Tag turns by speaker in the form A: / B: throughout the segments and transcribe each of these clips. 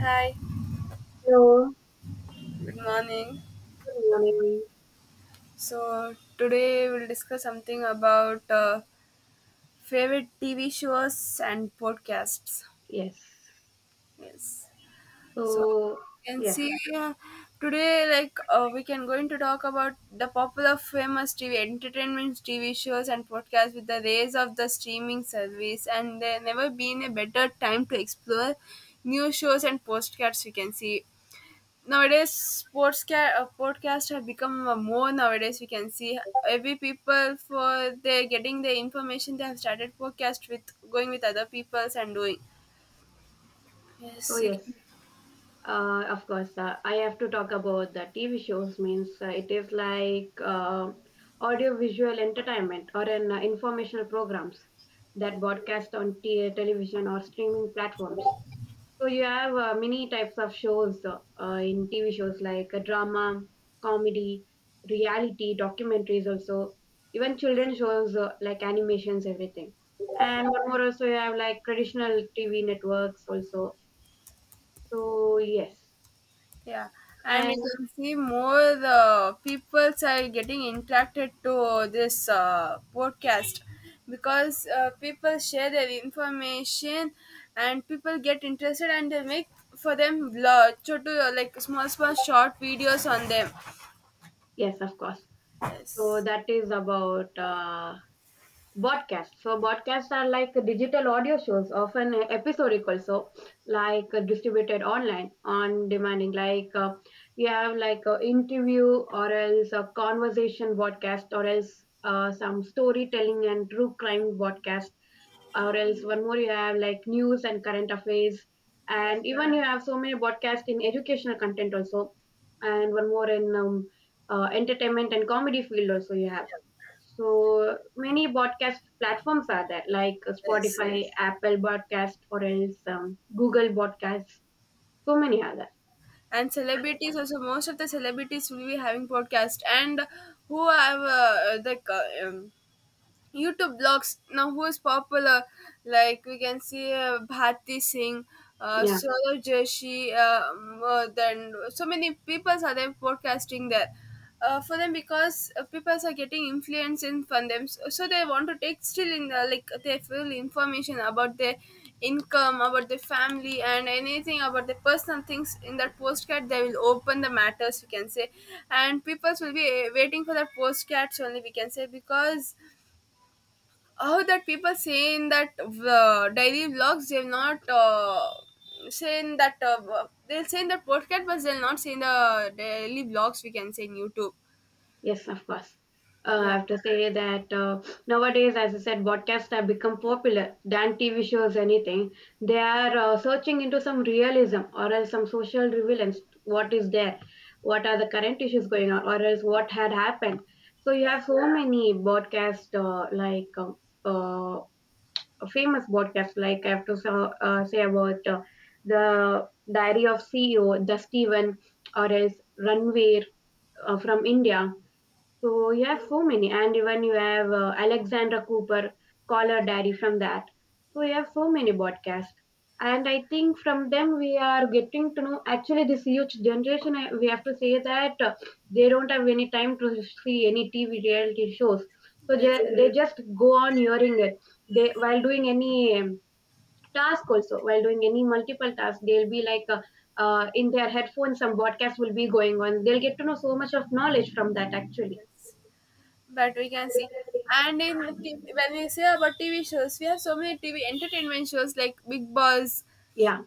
A: Hi,
B: Hello,
A: good morning.
B: good morning.
A: So, today we'll discuss something about favorite TV shows and podcasts.
B: Yes.
A: Yes. So,
B: So,
A: you can
B: yeah.
A: see today, we can going to talk about the popular, famous TV entertainment TV shows and podcasts with the rise of the streaming service, and there never been a better time to explore new shows and podcasts. We can see nowadays podcasts have become more nowadays we can see every people for they getting the information they have started podcast with going with other people's and doing
B: So,
A: yes you
B: yes.
A: can
B: Of course, I have to talk about the TV shows. Means it is like audio-visual entertainment or an informational programs that broadcast on television or streaming platforms. So you have many types of shows in TV shows like drama, comedy, reality, documentaries also, even children shows like animations, everything. And one more also you have like traditional TV networks also. So yes,
A: yeah. And
B: and
A: you can see more the peoples are getting interacted to this podcast because people share their information and people get interested and they make for them vlog so to like small small short videos on them
B: yes, of course. So
A: yes.
B: that is about podcasts. So podcasts are like digital audio shows, often episodic also, like distributed online on demanding. Like you have like a interview or else a conversation podcast or else some storytelling and true crime podcast, or else one more you have like news and current affairs,
A: Yeah,
B: and even you have so many podcasts in educational content also, and one more in entertainment and comedy field also you have so many podcast platforms are there, like
A: yes.
B: Spotify, yes, Apple Podcast, or else Google Podcast. So many are there.
A: And celebrities also, most of the celebrities will be having podcast and who have YouTube blogs now who is popular, like we can see Bharti Singh,
B: Yeah,
A: Saurabh Joshi, then so many people are there podcasting there. For them because people are getting influence in from them so they want to take still in the, like they feel information about their income about their family and anything about the personal things in that postcard they will open the matters we can say and people will be waiting for that postcards only we can say because how that people say in that daily vlogs they'll not say in that they'll say in the podcast but they'll not say in the daily vlogs we can say in youtube
B: yes, of course. I
A: yeah
B: have to say that nowadays, as I said, podcasts have become popular than TV shows, anything. They are searching into some realism or else some social relevance. What is there? What are the current issues going on? Or else what had happened? So you
A: yeah
B: have so many podcasts like uh, famous podcasts, like I have to say about the Diary of CEO, the Steven, or as Ranveer from India. So you have so many, and even you have Alexandra Cooper, Caller Diary from that. So you have so many podcasts, and I think from them we are getting to know. Actually, this huge generation, we have to say that they don't have any time to see any TV reality shows. So they
A: yes
B: they just go on hearing it. They, while doing any task also, while doing any multiple tasks, they'll be like. In their headphones, some podcast will be going on. They'll get to know so much of knowledge from that actually.
A: yes but we can see and in when we say about tv shows we have so many tv entertainment shows like big boss,
B: Yeah.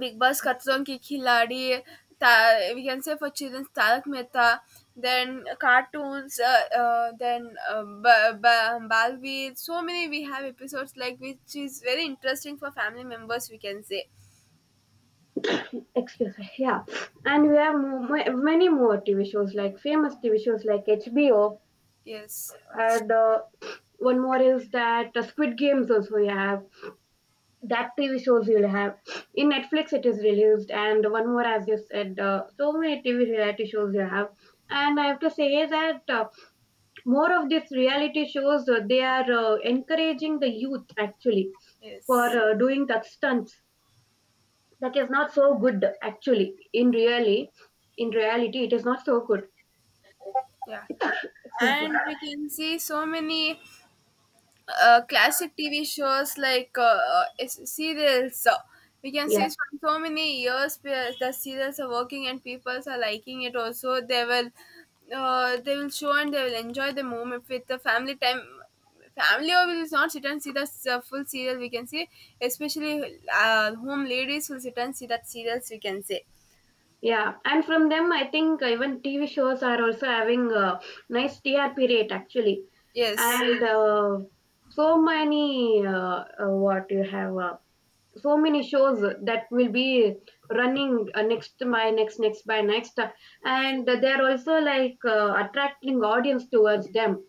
A: Bigg Boss Khathron Ke Khiladi, we can say for children's Tarak Mehta, then cartoons, then Balveer. So many we have episodes like which is very interesting for family members. We can say
B: Excuse me. Yeah. And we have many more TV shows, like famous TV shows, like HBO,
A: yes,
B: and one more is that Squid Games also you have. That TV shows you'll have in Netflix, it is released. And one more, as you said, so many TV reality shows you have. And I have to say that more of these reality shows they are encouraging the youth actually, for
A: yes,
B: doing the stunts, that is not so good actually. In really in reality, it is not so good.
A: yeah,
B: Excuse me.
A: and we can see so many classic TV shows like serials. We can
B: Yeah,
A: see from so many years where the serials are working and people are liking it. Also, they will show and they will enjoy the moment with the family time. Family will not sit and see the full serial. We can see, especially home ladies will sit and see that serials. We can say
B: yeah. And from them, I think even TV shows are also having a nice TRP rate actually.
A: yes,
B: And so many, what you have, so many shows that will be running, next by next, next by next,
A: yes,
B: and they're also like attracting audience towards them,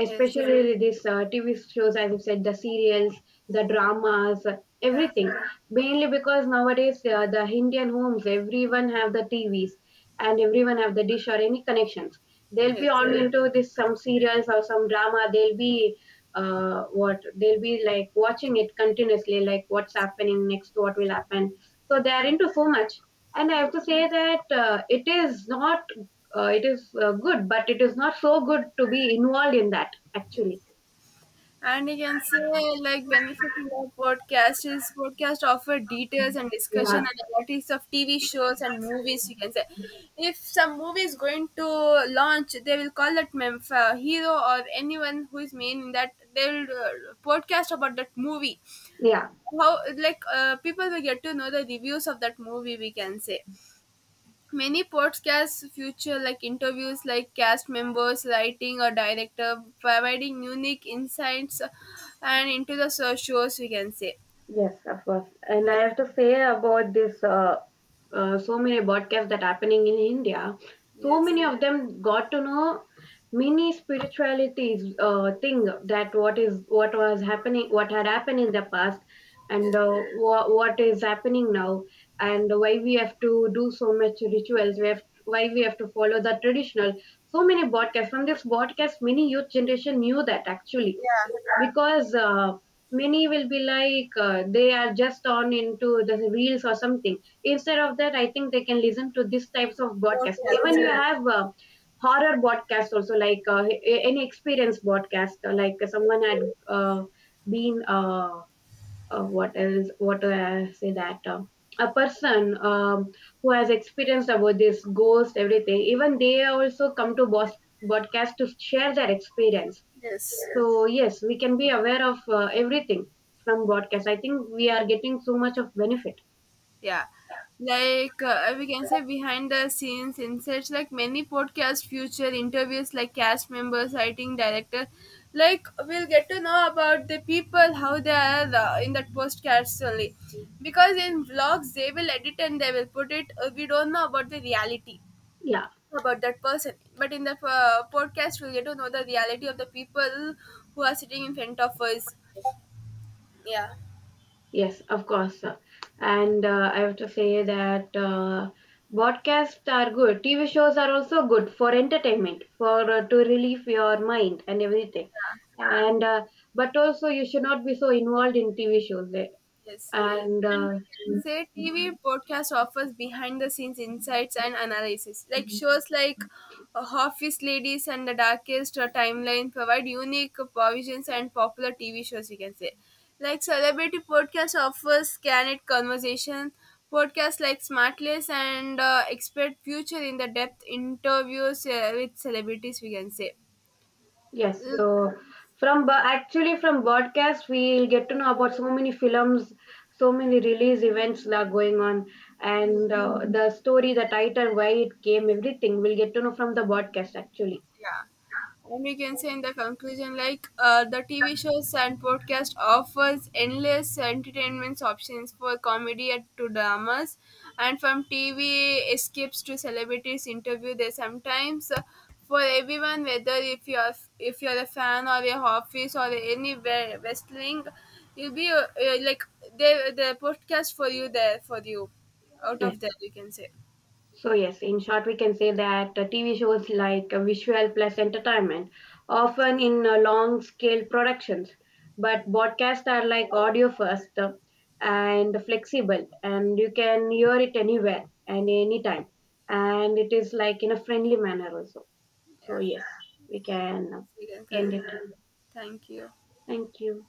A: yes,
B: this TV shows, as you said, the serials, the dramas,
A: yeah,
B: everything. Mainly because nowadays the Indian homes, everyone have the TVs, and everyone have the dish or any connections. They'll be
A: yes.
B: all into this some serials or some drama. They'll be what they'll be like watching it continuously, like what's happening next, what will happen. So they are into so much, and I have to say that it is not it is good, but it is not so good to be involved in that actually.
A: And you can say like benefit of podcast is podcast offer details and
B: Yes. Yeah,
A: discussion and analytics of TV shows and movies. You can say if some movie is going to launch, they will call that hero or anyone who is main in that. They will podcast about that movie.
B: yeah,
A: How like people will get to know the reviews of that movie. We can say many podcasts feature like interviews like cast members, writing or director, providing unique insights and into the shows we can say.
B: yes, of course. And I
A: Yes.
B: have to say about this so many broadcasts that happening in India. So
A: Yes.
B: many of them got to know many spiritualities thing, that what was happening, what had happened in the past, and
A: Yes.
B: what is happening now, and why we have to do so much rituals. We have why we have to follow the traditional. So many broadcasts. From this broadcast, many youth generation knew that actually,
A: Yeah.
B: because many will be like they are just on into the reels or something. Instead of that, I think they can listen to these types of broadcasts. Even
A: Podcast.
B: you have horror broadcasts also, like any experience broadcast, like someone had uh, been, what do I say that a person, who has experienced about this ghost everything, even they also come to boss broadcast to share their experience.
A: Yes.
B: So yes, we can be aware of everything. From broadcast, I think we are getting so much of benefit.
A: Yeah, we can say behind the scenes insights like many podcast future interviews like cast members writing director like we'll get to know about the people how they are in that podcast only because in vlogs they will edit and they will put it we don't know about the reality
B: Yeah.
A: about that person but in the podcast we'll get to know the reality of the people who are sitting in front of us yeah.
B: Yes, of course. And I have to say that podcasts are good. TV shows are also good for entertainment, for to relieve your mind and everything. And But also you should not be so involved in TV shows. Eh.
A: Yes.
B: And
A: And we can say TV podcast offers behind the scenes insights and analysis. Like shows like Office Ladies and The Darkest Timeline provide unique provisions and popular TV shows, we can say. Like Celebrity Podcast offers candid conversation. Podcasts like Smartless and Expert Future in the depth interviews with celebrities, we can say.
B: Yes, so actually from broadcast we'll get to know about so many films, so many release events that are going on, and the story, the title, why it came, everything we'll get to know from the broadcast actually.
A: Yeah. And we can say in the conclusion, the TV shows and podcast offers endless entertainment options for comedy and to dramas, and from TV escapes to celebrities interview. They sometimes for everyone, whether if you're a fan or a office or any wrestling, you'll be like the podcast for you there for you, out
B: Yes.
A: of there you can say,
B: So, yes, in short, we can say that TV shows like visual plus entertainment, often in long scale productions, but broadcasts are like audio first, and flexible, and you can hear it anywhere and anytime, and it is like in a friendly manner also. So,
A: yeah.
B: yes, we
A: Yes,
B: can
A: we can.
B: end it.
A: Thank you.
B: Thank you.